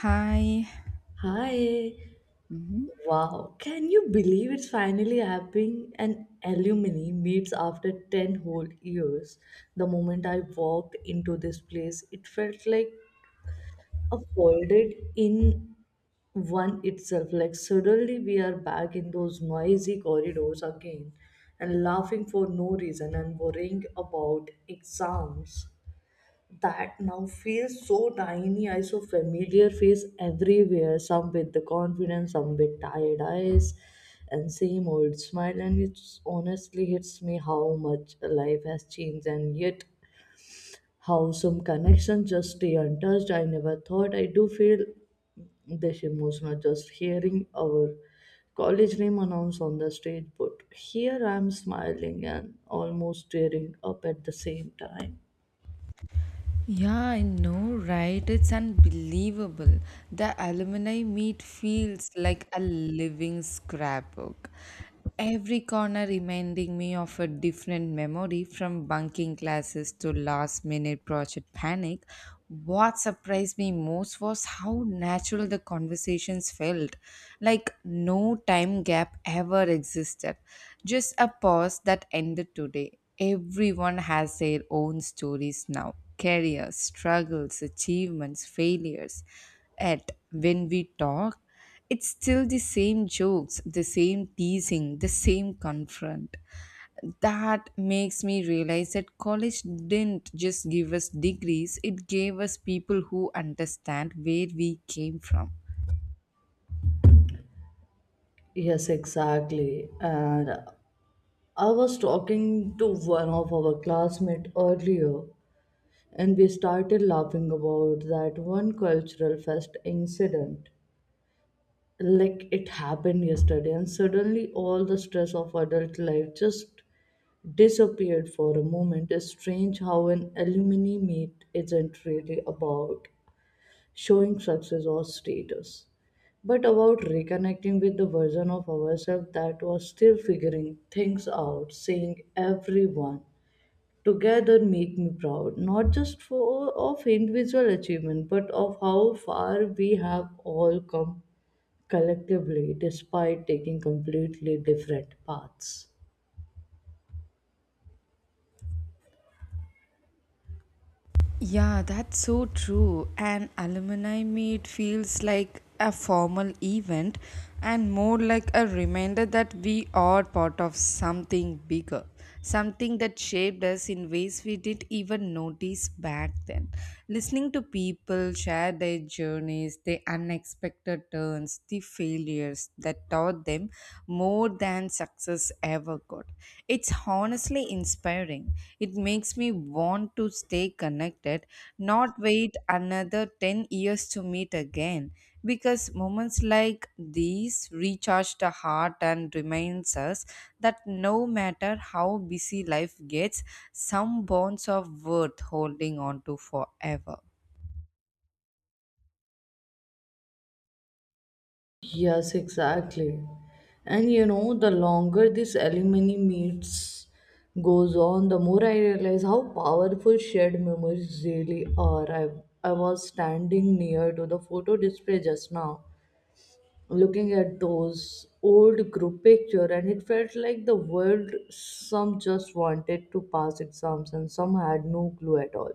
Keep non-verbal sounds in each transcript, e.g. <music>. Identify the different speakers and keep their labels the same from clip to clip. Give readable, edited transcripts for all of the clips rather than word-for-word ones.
Speaker 1: Hi.
Speaker 2: Hi.
Speaker 1: Mhm.
Speaker 2: Wow. Can you believe it's finally happening? An alumni meets after 10 whole years. The moment I walked into this place, it felt like a folded in one itself. Like suddenly we are back in those noisy corridors again and laughing for no reason and worrying about exams that now feels so tiny. I saw familiar face everywhere, some with the confidence, some with tired eyes, and same old smile. And it honestly hits me how much life has changed, and yet how some connections just stay untouched. I never thought I do feel this emotional just hearing our college name announced on the stage, but here I'm smiling and almost tearing up at the same time.
Speaker 1: Yeah, I know, right? It's unbelievable. The alumni meet feels like a living scrapbook. Every corner reminding me of a different memory, from bunking classes to last minute project panic. What surprised me most was how natural the conversations felt. Like no time gap ever existed. Just a pause that ended today. Everyone has their own stories now: careers, struggles, achievements, failures. Yet, when we talk, it's still the same jokes, the same teasing, the same confront. That makes me realize that college didn't just give us degrees, it gave us people who understand where we came from.
Speaker 2: Yes, exactly. And I was talking to one of our classmates earlier, and we started laughing about that one cultural fest incident. Like it happened yesterday, and suddenly all the stress of adult life just disappeared for a moment. It's strange how an alumni meet isn't really about showing success or status, but about reconnecting with the version of ourselves that was still figuring things out, saying everyone together make me proud, not just for of individual achievement, but of how far we have all come collectively despite taking completely different paths.
Speaker 1: Yeah, that's so true. And alumni meet feels like a formal event and more like a reminder that we are part of something bigger, something that shaped us in ways we didn't even notice back then. Listening to people share their journeys, their unexpected turns, the failures that taught them more than success ever could. It's honestly inspiring. It makes me want to stay connected, not wait another 10 years to meet again. Because moments like these recharge the heart and reminds us that no matter how busy life gets, some bonds of worth holding on to forever.
Speaker 2: Yes, exactly. And you know, the longer this alimony meets goes on, the more I realize how powerful shared memories really are. I was standing near to the photo display just now looking at those old group picture, and it felt like the world some just wanted to pass exams and some had no clue at all,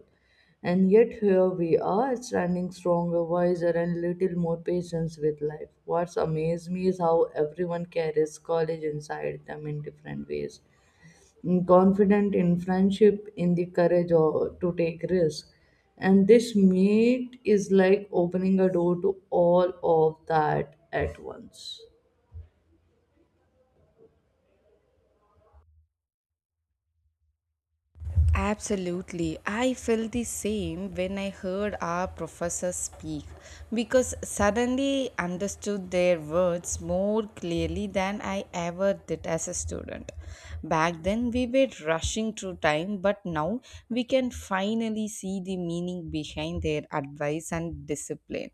Speaker 2: and yet here we are standing stronger, wiser, and little more patience with life. What's amazed me is how everyone carries college inside them in different ways. Mm, confident in friendship, in the courage or to take risks. And this meet is like opening a door to all of that at once.
Speaker 1: Absolutely. I felt the same when I heard our professors speak, because suddenly understood their words more clearly than I ever did as a student. Back then we were rushing through time, but now we can finally see the meaning behind their advice and discipline.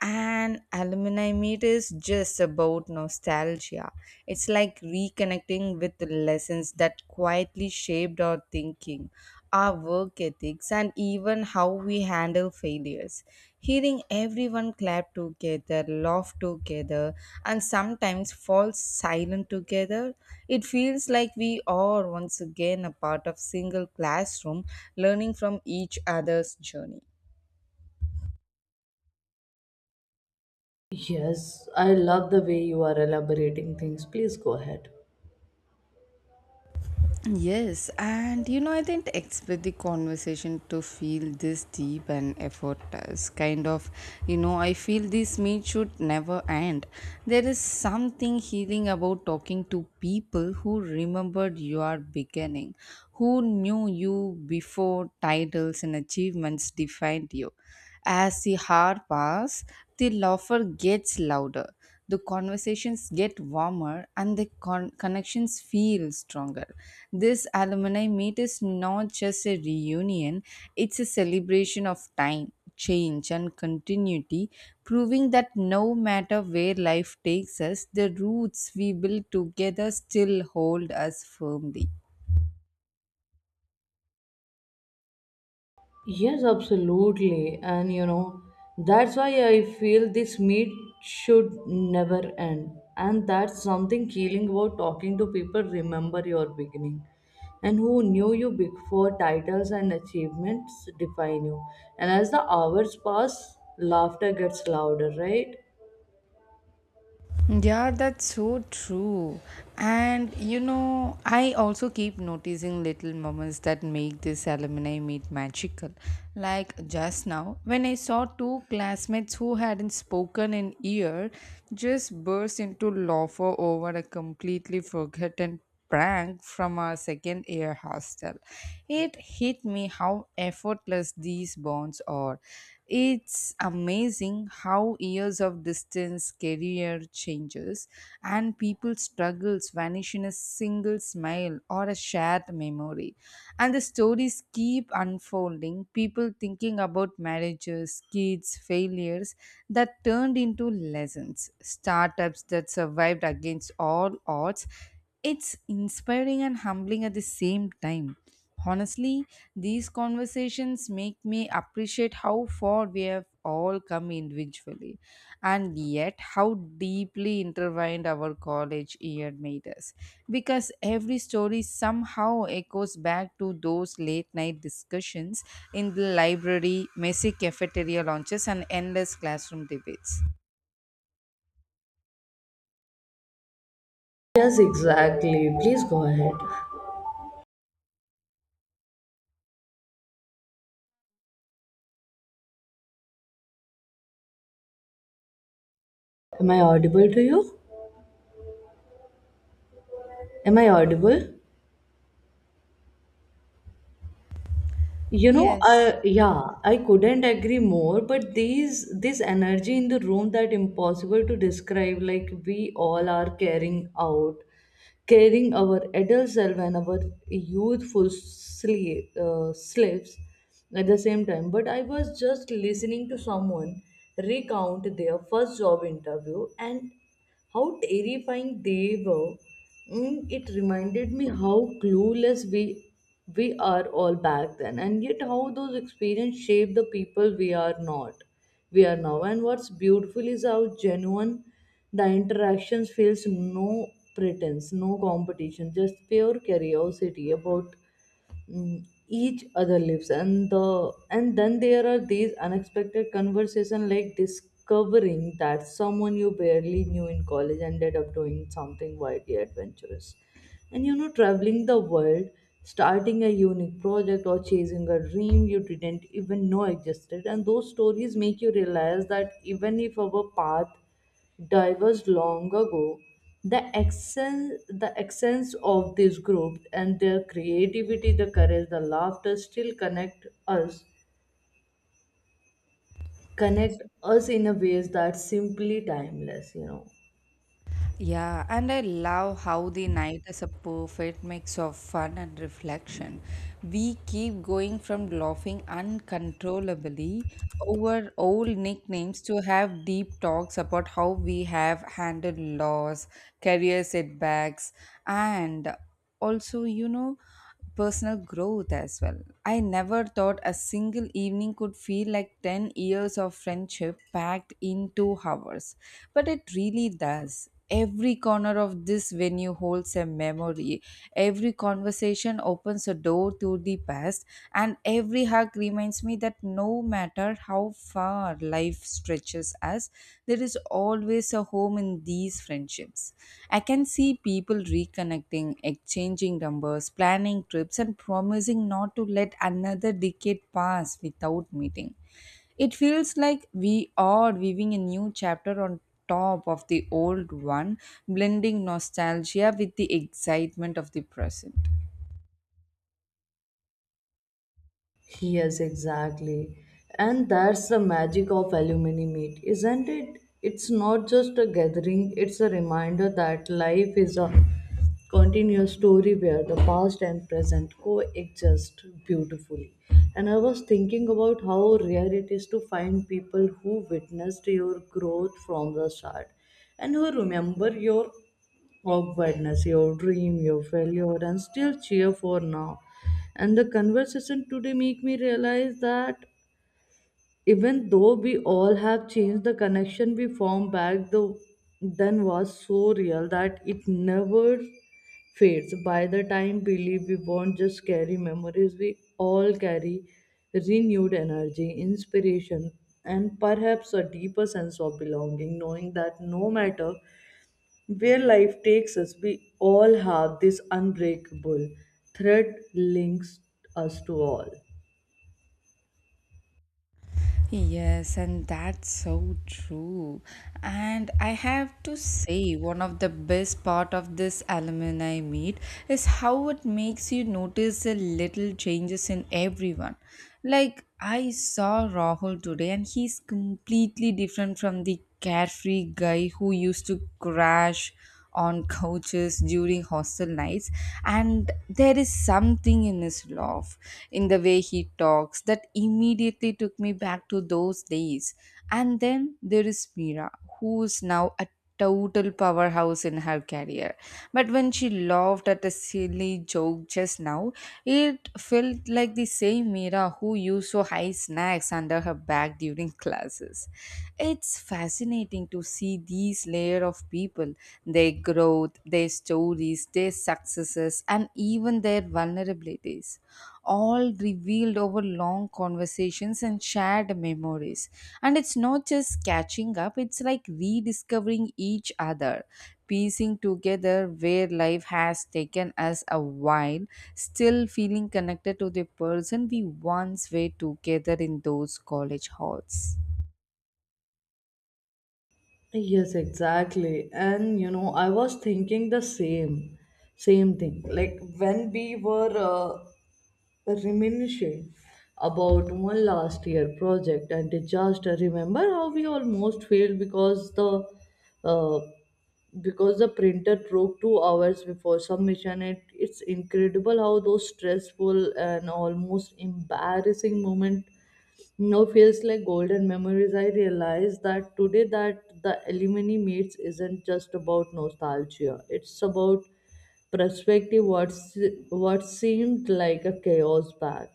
Speaker 1: And alumni meet is just about nostalgia. It's like reconnecting with the lessons that quietly shaped our thinking, our work ethics, and even how we handle failures. Hearing everyone clap together, laugh together, and sometimes fall silent together, it feels like we are once again a part of single classroom, learning from each other's journey.
Speaker 2: Yes, I love the way you are elaborating things. Please go ahead.
Speaker 1: Yes, and I didn't expect the conversation to feel this deep and effortless. Kind of, I feel this meet should never end. There is something healing about talking to people who remembered your beginning, who knew you before titles and achievements defined you. As the hour passes, the laughter gets louder, the conversations get warmer, and the connections feel stronger. This alumni meet is not just a reunion, it's a celebration of time, change, and continuity, proving that no matter where life takes us, the roots we build together still hold us firmly.
Speaker 2: Yes, absolutely. And you know, that's why I feel this meet should never end. And that's something killing about talking to people remember your beginning and who knew you before titles and achievements define you. And as the hours pass, laughter gets louder, right?
Speaker 1: Yeah, that's so true. And I also keep noticing little moments that make this alumni meet magical. Like just now, when I saw two classmates who hadn't spoken in year just burst into laughter over a completely forgotten prank from our second year hostel. It hit me how effortless these bonds are. It's amazing how years of distance, career changes, and people's struggles vanish in a single smile or a shared memory. And the stories keep unfolding, people thinking about marriages, kids, failures, that turned into lessons, startups that survived against all odds. It's inspiring and humbling at the same time. Honestly, these conversations make me appreciate how far we have all come individually, and yet how deeply intertwined our college year made us, because every story somehow echoes back to those late night discussions in the library, messy cafeteria lunches, and endless classroom debates.
Speaker 2: Yes, exactly. Please go ahead. Am I audible to you? Am I audible? You know,
Speaker 1: Yes.
Speaker 2: I yeah, I couldn't agree more, but these this energy in the room that impossible to describe, like we all are carrying out, carrying our adult self and our youthful sleep, slips at the same time. But I was just listening to someone recount their first job interview and how terrifying they were. Mm, it reminded me how clueless we are all back then, and yet how those experiences shape the people we are not. We are now, and what's beautiful is how genuine the interactions feels. No pretense, no competition, just pure curiosity about, mm, each other lives. And the and then there are these unexpected conversations, like discovering that someone you barely knew in college ended up doing something wildly adventurous, and you know, traveling the world, starting a unique project, or chasing a dream you didn't even know existed. And those stories make you realize that even if our path diverged long ago. The essence of this group and their creativity, the courage, the laughter still connect us in a ways that simply timeless. You know.
Speaker 1: Yeah, and I love how the night is a perfect mix of fun and reflection. We keep going from laughing uncontrollably over old nicknames to have deep talks about how we have handled loss, career setbacks, and also, you know. Personal growth as well. I never thought a single evening could feel like 10 years of friendship packed in 2 hours, but it really does. Every corner of this venue holds a memory. Every conversation opens a door to the past, and every hug reminds me that no matter how far life stretches as, there is always a home in these friendships. I can see people reconnecting, exchanging numbers, planning trips, and promising not to let another decade pass without meeting. It feels like we are weaving a new chapter on top of the old one, blending nostalgia with the excitement of the present.
Speaker 2: Yes, exactly. And that's the magic of alumni meet, isn't it? It's not just a gathering, it's a reminder that life is a continuous story where the past and present coexist beautifully. And I was thinking about how rare it is to find people who witnessed your growth from the start and who remember your awkwardness, your dream, your failure, and still cheer for now. And the conversation today make me realize that even though we all have changed, the connection we formed back the, then was so real that it never fades. By the time we leave, we won't just carry memories, we all carry renewed energy, inspiration, and perhaps a deeper sense of belonging, knowing that no matter where life takes us, we all have this unbreakable thread links us to all.
Speaker 1: Yes, and that's so true. And I have to say, one of the best part of this alumni meet is how it makes you notice the little changes in everyone. Like I saw Rahul today, and he's completely different from the carefree guy who used to crash on couches during hostel nights. And there is something in his laugh, in the way he talks, that immediately took me back to those days. And then there is Mira, who is now a total powerhouse in her career, but when she laughed at a silly joke just now, it felt like the same Mira who used to hide snacks under her bag during classes. It's fascinating to see these layer of people, their growth, their stories, their successes, and even their vulnerabilities, all revealed over long conversations and shared memories. And it's not just catching up, it's like rediscovering each other, piecing together where life has taken us a while, still feeling connected to the person we once were together in those college halls.
Speaker 2: Yes, exactly. And you know, I was thinking the same thing. Like when we were reminiscing about one last year project and disaster, remember how we almost failed because uh, the printer broke 2 hours before submission. It's incredible how those stressful and almost embarrassing moment no feels like golden memories. I realize that today that the alumni meets isn't just about nostalgia. It's about perspective. What seemed like a chaos back.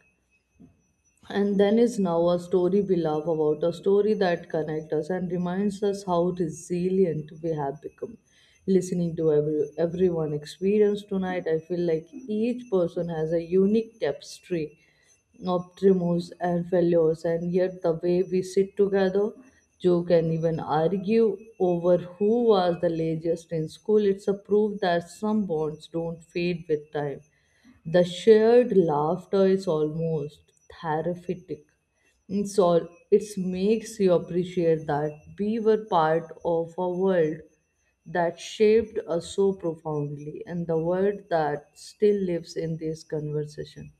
Speaker 2: And then is now a story we love about, a story that connects us and reminds us how resilient we have become. Listening to everyone experience tonight, I feel like each person has a unique tapestry, optimus and fellows, and yet the way we sit together, joke, and even argue over who was the laziest in school, it's a proof that some bonds don't fade with time. The shared laughter is almost therapeutic. It's all it makes you appreciate that we were part of a world that shaped us so profoundly, and the world that still lives in this conversation.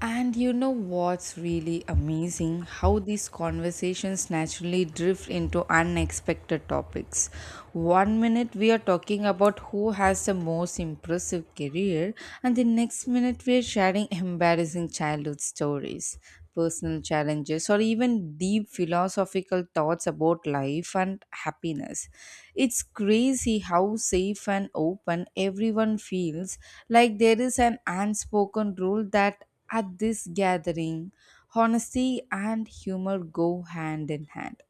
Speaker 1: And you know what's really amazing? How these conversations naturally drift into unexpected topics. One minute we are talking about who has the most impressive career, and the next minute we are sharing embarrassing childhood stories, personal challenges, or even deep philosophical thoughts about life and happiness. It's crazy how safe and open everyone feels, like there is an unspoken rule that at this gathering, honesty and humor go hand in hand.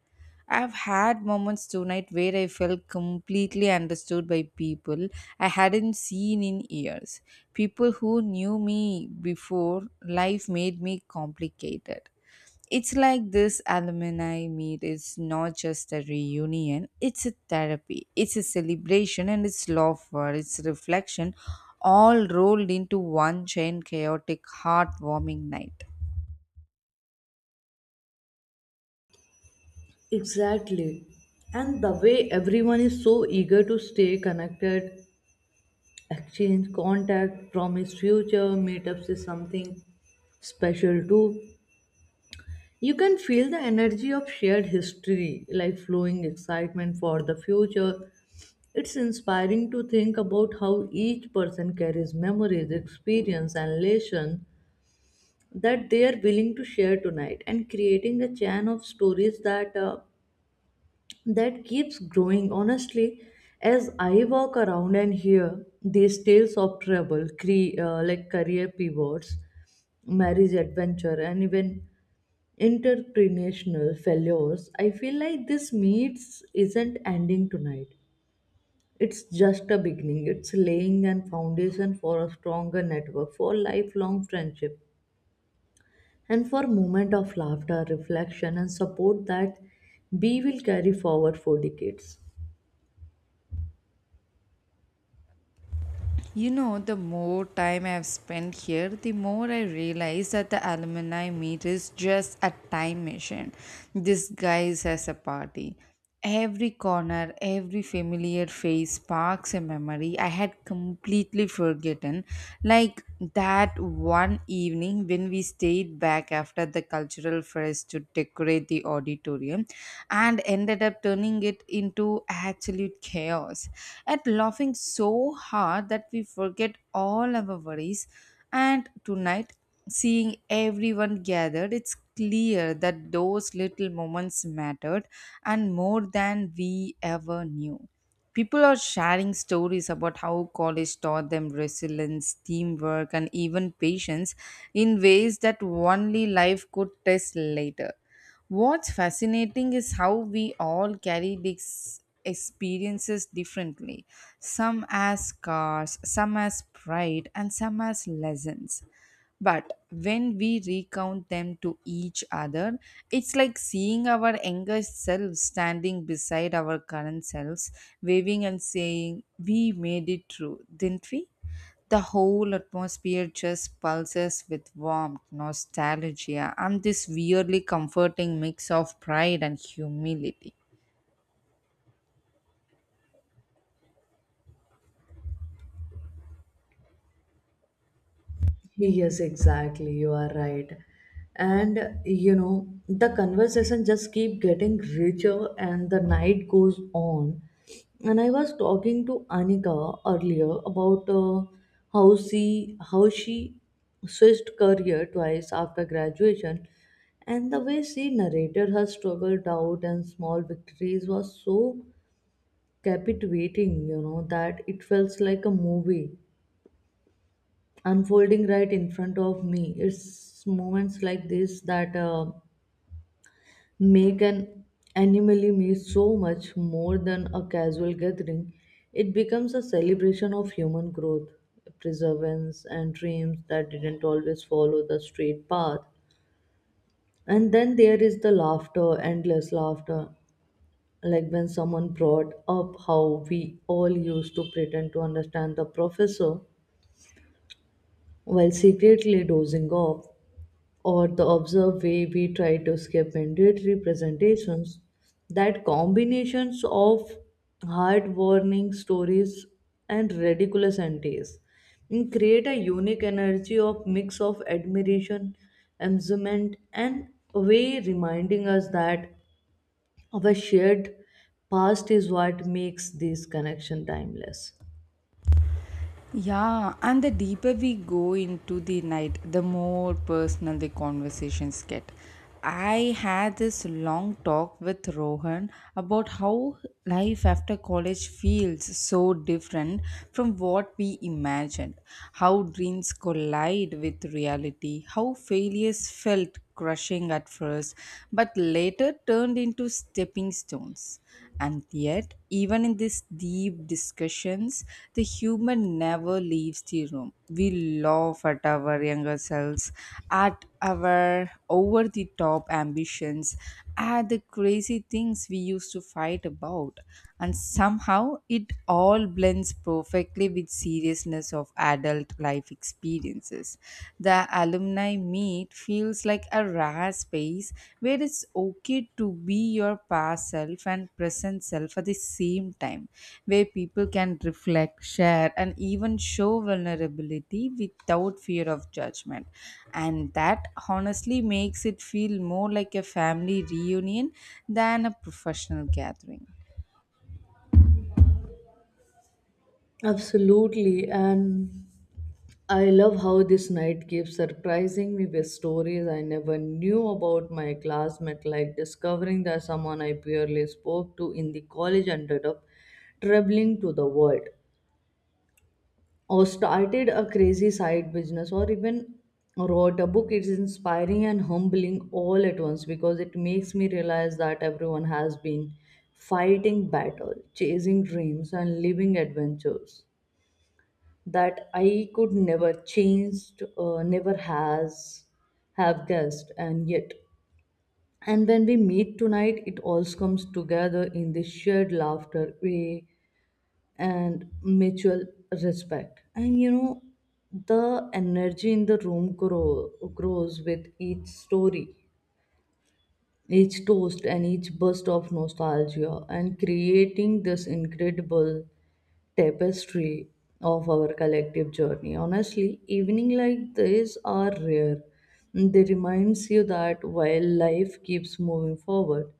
Speaker 1: I've had moments tonight where I felt completely understood by people I hadn't seen in years. People who knew me before life made me complicated. It's like this alumni meet is not just a reunion, it's a therapy, it's a celebration, and it's laughter, it's reflection, all rolled into one giant, chaotic, heartwarming night.
Speaker 2: Exactly. And the way everyone is so eager to stay connected, exchange contact, promise future meetups is something special too. You can feel the energy of shared history, like flowing excitement for the future. It's inspiring to think about how each person carries memories, experience, and lessons that they are willing to share tonight, and creating a chain of stories that keeps growing. Honestly, as I walk around and hear these tales of trouble, like career pivots, marriage adventure, and even interpretational failures, I feel like this meets isn't ending tonight. It's just a beginning. It's laying a foundation for a stronger network, for lifelong friendship, and for moment of laughter, reflection, and support that we will carry forward for decades.
Speaker 1: You know, the more time I've spent here, the more I realize that the alumni meet is just a time machine disguised as a party. Every corner, every familiar face sparks a memory I had completely forgotten, like that one evening when we stayed back after the cultural fairs to decorate the auditorium and ended up turning it into absolute chaos, at laughing so hard that we forget all our worries. And tonight, seeing everyone gathered, it's clear that those little moments mattered and more than we ever knew. People are sharing stories about how college taught them resilience, teamwork, and even patience in ways that only life could test later. What's fascinating is how we all carry these experiences differently. Some as scars, some as pride, and some as lessons. But when we recount them to each other, it's like seeing our younger selves standing beside our current selves, waving and saying, "We made it through, didn't we?" The whole atmosphere just pulses with warmth, nostalgia, and this weirdly comforting mix of pride and humility.
Speaker 2: Yes, exactly. You are right. And you know, the conversation just keep getting richer and the night goes on. And I was talking to Anika earlier about how she switched career twice after graduation, and the way she narrated her struggle, doubt and small victories was so captivating, you know, that it felt like a movie unfolding right in front of me. It's moments like this that make an annually meet so much more than a casual gathering. It becomes a celebration of human growth, perseverance, and dreams that didn't always follow the straight path. And then there is the laughter, endless laughter. Like when someone brought up how we all used to pretend to understand the professor while secretly dozing off, or the observed way we try to escape indirect representations, that combinations of hard warning stories and ridiculous antis, and create a unique energy of mix of admiration, amusement, and way reminding us that our shared past is what makes this connection timeless.
Speaker 1: Yeah, and the deeper we go into the night, the more personal the conversations get. I had this long talk with Rohan about how life after college feels so different from what we imagined, how dreams collide with reality, how failures felt crushing at first but later turned into stepping stones. And yet, even in these deep discussions, the human never leaves the room. We laugh at our younger selves, at our over the top ambitions, at the crazy things we used to fight about. And somehow it all blends perfectly with seriousness of adult life experiences. The alumni meet feels like a rare space where it's okay to be your past self and present self at the same time, where people can reflect, share, and even show vulnerability without fear of judgment. And that honestly makes it feel more like a family reunion than a professional gathering.
Speaker 2: Absolutely, and I love how this night keeps surprising me with stories I never knew about my classmate, like discovering that someone I barely spoke to in the college ended up traveling to the world, or started a crazy side business, or even wrote a book. It's inspiring and humbling all at once because it makes me realize that everyone has been fighting battle, chasing dreams, and living adventures that I could never changed, never has have guessed, and yet. And when we meet tonight, it all comes together in this shared laughter, way, and mutual respect. And you know, the energy in the room grows with each story, each toast, and each burst of nostalgia, and creating this incredible tapestry of our collective journey. Honestly, evening like this are rare. They reminds you that while life keeps moving forward,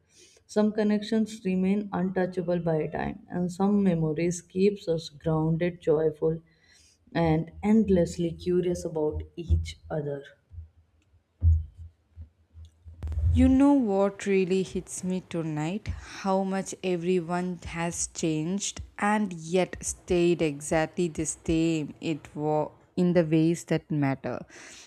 Speaker 2: some connections remain untouchable by time, and some memories keeps us grounded, joyful, and endlessly curious about each other.
Speaker 1: You know what really hits me tonight? How much everyone has changed and yet stayed exactly the same it was, in the ways that matter.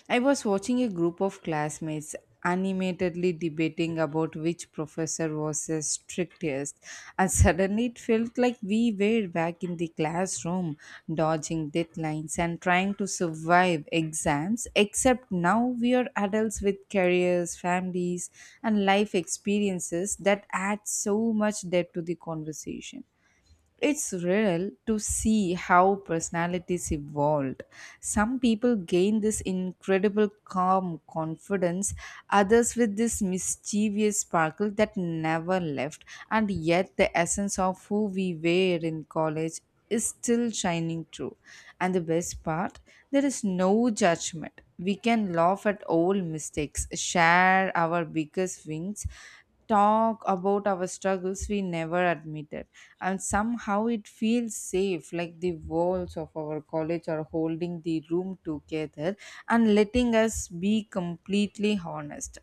Speaker 1: I was watching a group of classmates animatedly debating about which professor was the strictest, and suddenly it felt like we were back in the classroom, dodging deadlines and trying to survive exams, except now we are adults with careers, families, and life experiences that add so much depth to the conversation. It's real to see how personalities evolved. Some people gain this incredible calm confidence, others with this mischievous sparkle that never left, and yet the essence of who we were in college is still shining through. And the best part, there is no judgment. We can laugh at old mistakes, share our biggest wins, talk about our struggles we never admitted, and somehow it feels safe, like the walls of our college are holding the room together and letting us be completely honest.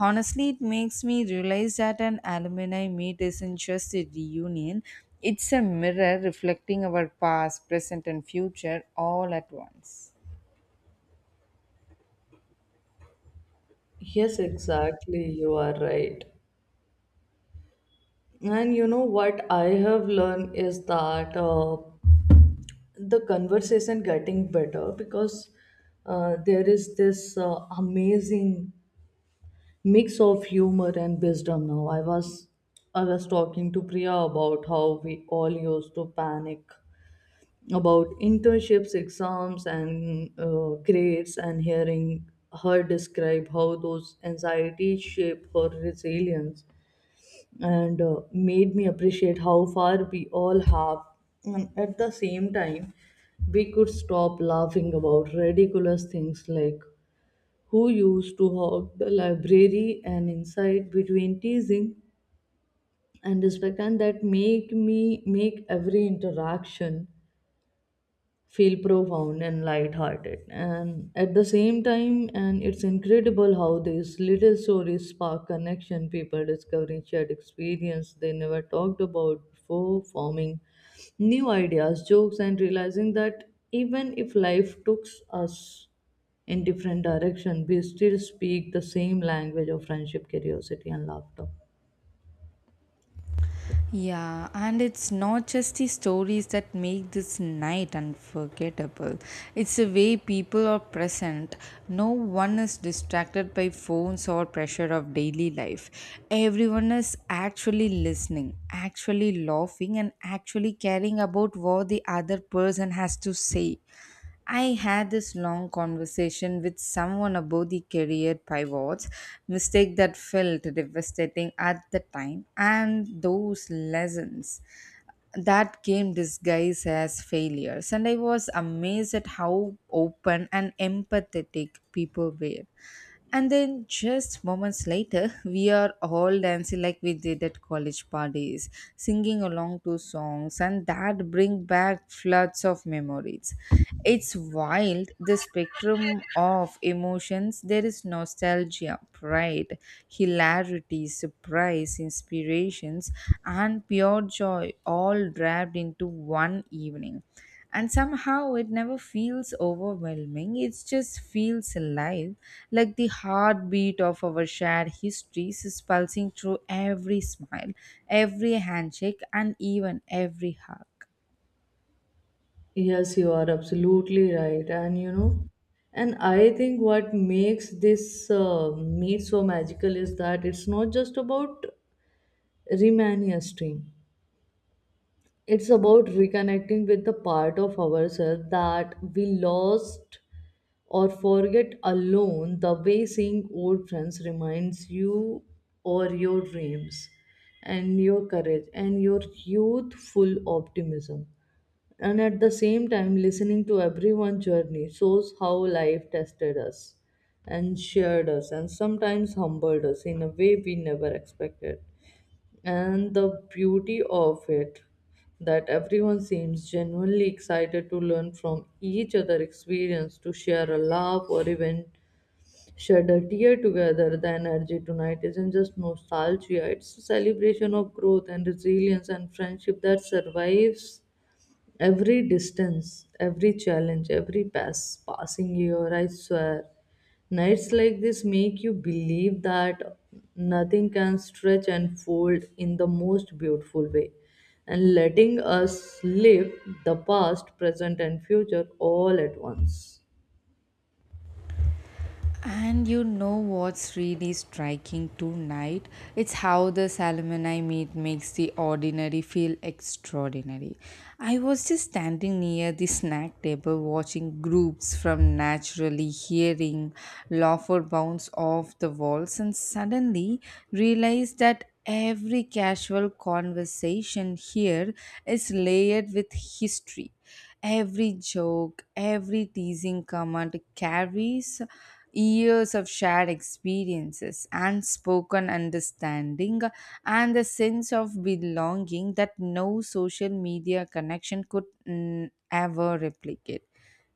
Speaker 1: Honestly, it makes me realize that an alumni meet isn't just a reunion, it's a mirror reflecting our past, present, and future all at once.
Speaker 2: Yes, exactly. You are right. And you know what I have learned is that the conversation getting better because there is this amazing mix of humor and wisdom now. I was talking to Priya about how we all used to panic about internships, exams, and grades, and hearing her describe how those anxieties shape her resilience and made me appreciate how far we all have. And at the same time, we could stop laughing about ridiculous things like who used to hog the library and inside between teasing and respect, and that make me make every interaction feel profound and light-hearted and at the same time. And it's incredible how these little stories spark connection, people discovering shared experience they never talked about before, forming new ideas jokes and realizing that even if life took us in different direction, we still speak the same language of friendship, curiosity and laughter.
Speaker 1: Yeah, and it's not just the stories that make this night unforgettable. It's the way people are present. No one is distracted by phones or pressure of daily life. Everyone is actually listening, actually laughing, and actually caring about what the other person has to say. I had this long conversation with someone about the career pivots, mistake that felt devastating at the time, and those lessons that came disguised as failures, and I was amazed at how open and empathetic people were. And then just moments later <laughs> we are all dancing like we did at college parties, singing along to songs and that bring back floods of memories. It's wild, the spectrum of emotions. There is no nostalgia, pride, hilarity, surprise, inspirations, and pure joy all wrapped into one evening. And somehow it never feels overwhelming, it just feels alive, like the heartbeat of our shared histories is pulsing through every smile, every handshake, and even every hug.
Speaker 2: Yes, you are absolutely right. And you know, and I think what makes this meat so magical is that it's not just about remaniasting, it's about reconnecting with the part of ourselves that we lost or forget alone. The way seeing old friends reminds you or your dreams and your courage and your youthful optimism, and at the same time listening to everyone's journey shows how life tested us and shared us and sometimes humbled us in a way we never expected. And the beauty of it, that everyone seems genuinely excited to learn from each other experience, to share a laugh or even shed a tear together. The energy tonight isn't just nostalgia, it's a celebration of growth and resilience and friendship that survives every distance, every challenge, every passing year, I swear. Nights like this make you believe that nothing can stretch and fold in the most beautiful way. And letting us live the past, present, and future all at once.
Speaker 1: And you know what's really striking tonight? It's how the Salmonai meat makes the ordinary feel extraordinary. I was just standing near the snack table watching groups from naturally hearing laughter bounce off the walls, and suddenly realized that every casual conversation here is layered with history. Every joke, every teasing comment carries years of shared experiences, unspoken understanding, and the sense of belonging that no social media connection could ever replicate.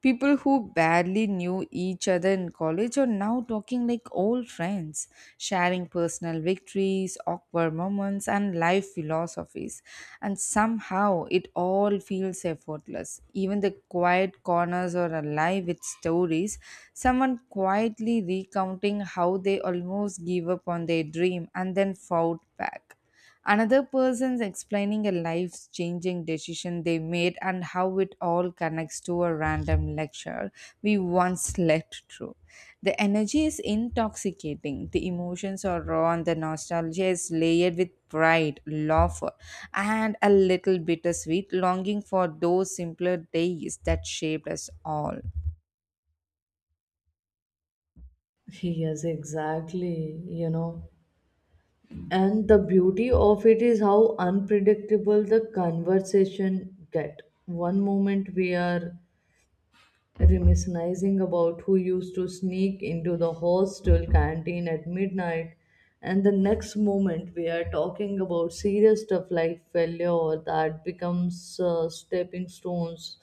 Speaker 1: People who barely knew each other in college are now talking like old friends, sharing personal victories, awkward moments, and life philosophies. And somehow it all feels effortless. Even the quiet corners are alive with stories, someone quietly recounting how they almost gave up on their dream and then fought back, another person's explaining a life changing decision they made and how it all connects to a random lecture we once slept through. The energy is intoxicating, the emotions are raw, and the nostalgia is layered with pride, laughter, and a little bittersweet longing for those simpler days that shaped us all.
Speaker 2: Yes, exactly. You know, and the beauty of it is how unpredictable the conversation get. One moment we are reminiscing about who used to sneak into the hostel canteen at midnight, and the next moment we are talking about serious stuff like failure that becomes stepping stones,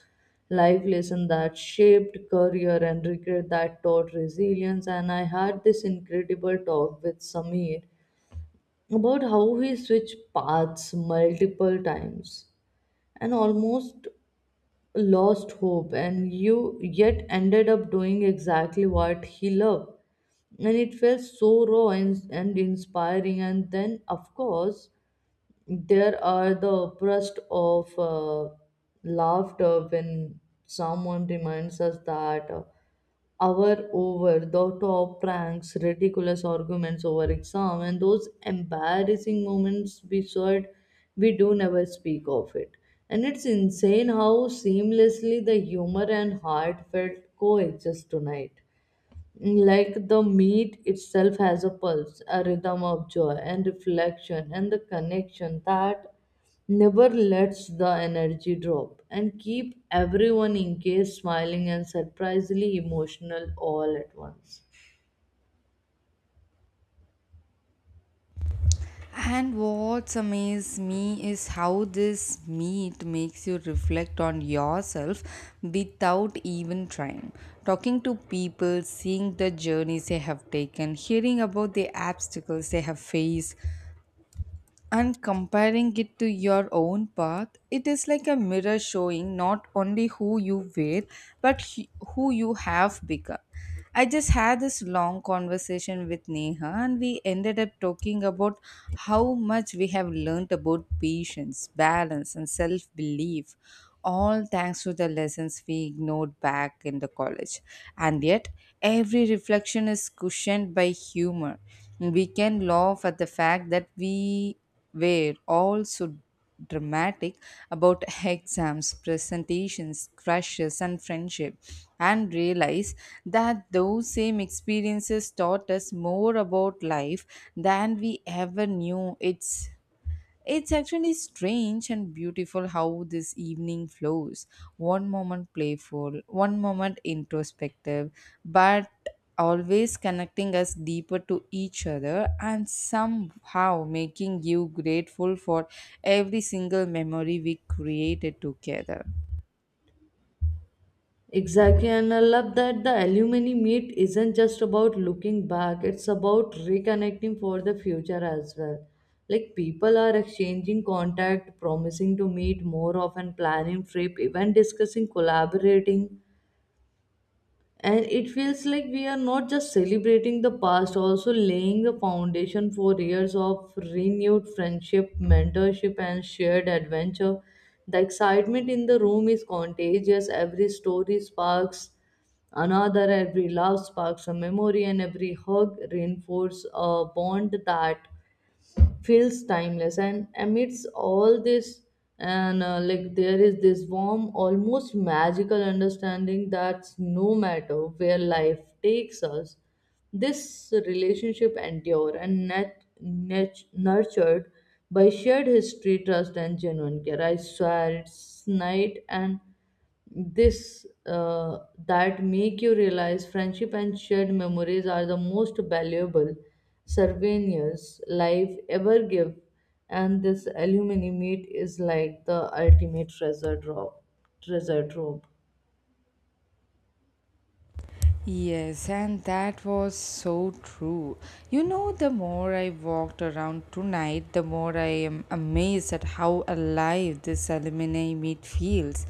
Speaker 2: life lesson that shaped career and regret that taught resilience. And I had this incredible talk with Samir about how he switched paths multiple times and almost lost hope and you yet ended up doing exactly what he loved, and it felt so raw and inspiring. And then of course there are the bursts of laughter when someone reminds us that hour over the top pranks, ridiculous arguments over exam, and those embarrassing moments we shared, we do never speak of it. And it's insane how seamlessly the humor and heart felt coexist tonight, like the meat itself has a pulse, a rhythm of joy and reflection, and the connection that never lets the energy drop and keep everyone engaged, smiling, and surprisingly emotional all at once.
Speaker 1: And what amazes me is how this meet makes you reflect on yourself without even trying. Talking to people, seeing the journeys they have taken, hearing about the obstacles they have faced, and comparing it to your own path, it is like a mirror showing not only who you were but who you have become. I just had this long conversation with Neha and we ended up talking about how much we have learned about patience, balance, and self belief, all thanks to the lessons we ignored back in the college. And yet every reflection is cushioned by humor. We can laugh at the fact that we were also dramatic about <laughs> exams, presentations, crushes, and friendship, and realize that those same experiences taught us more about life than we ever knew. It's actually strange and beautiful how this evening flows. One moment playful, one moment introspective, but always connecting us deeper to each other and somehow making you grateful for every single memory we created together.
Speaker 2: Exactly, and I love that the alumni meet isn't just about looking back, it's about reconnecting for the future as well. Like people are exchanging contact, promising to meet more often, planning trip, even discussing collaborating, and it feels like we are not just celebrating the past, also laying a foundation for years of renewed friendship, mentorship and shared adventure. The excitement in the room is contagious, every story sparks another, every laugh sparks a memory, and every hug reinforces a bond that feels timeless. And amidst all this, and like there is this warm almost magical understanding that no matter where life takes us, this relationship endure and nurtured by shared history, trust and genuine care. I swear it's night, and this that make you realize friendship and shared memories are the most valuable souvenirs life ever give, and this alumni meet is like the ultimate treasure trove.
Speaker 1: Yes, and that was so true. You know, the more I walked around tonight, the more I am amazed at how alive this alumni meet feels.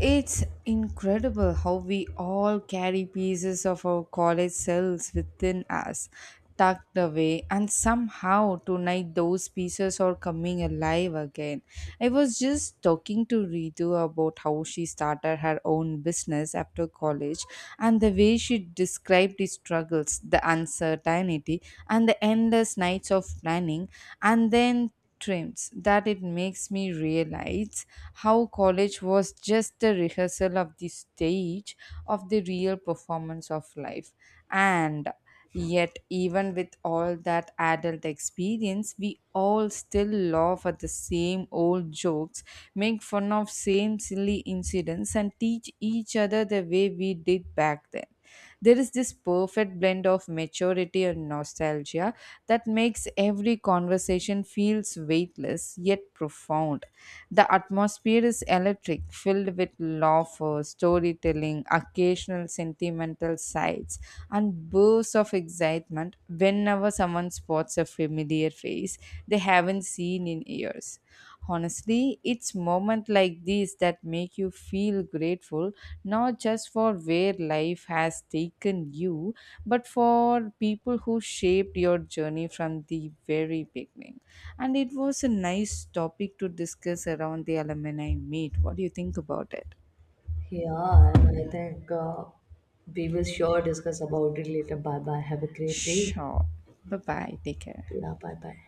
Speaker 1: It's incredible how we all carry pieces of our college selves within us, tucked away, and somehow tonight those pieces are coming alive again. I was just talking to Ritu about how she started her own business after college and the way she described the struggles, the uncertainty, and the endless nights of planning, and then trims that it makes me realize how college was just a rehearsal of the stage of the real performance of life. And yet, even with all that adult experience, we all still laugh at the same old jokes, make fun of same silly incidents, and teach each other the way we did back then. There is this perfect blend of maturity and nostalgia that makes every conversation feels weightless yet profound. The atmosphere is electric, filled with laughter, storytelling, occasional sentimental sighs, and bursts of excitement whenever someone spots a familiar face they haven't seen in years. Honestly, it's moments like these that make you feel grateful not just for where life has taken you, but for people who shaped your journey from the very beginning. And it was a nice topic to discuss around the alumni meet. What do you think about it?
Speaker 2: Yeah, and I think we will sure discuss about it later. Bye bye. Have a great day.
Speaker 1: Sure. Bye bye. Take care.
Speaker 2: Yeah, bye bye.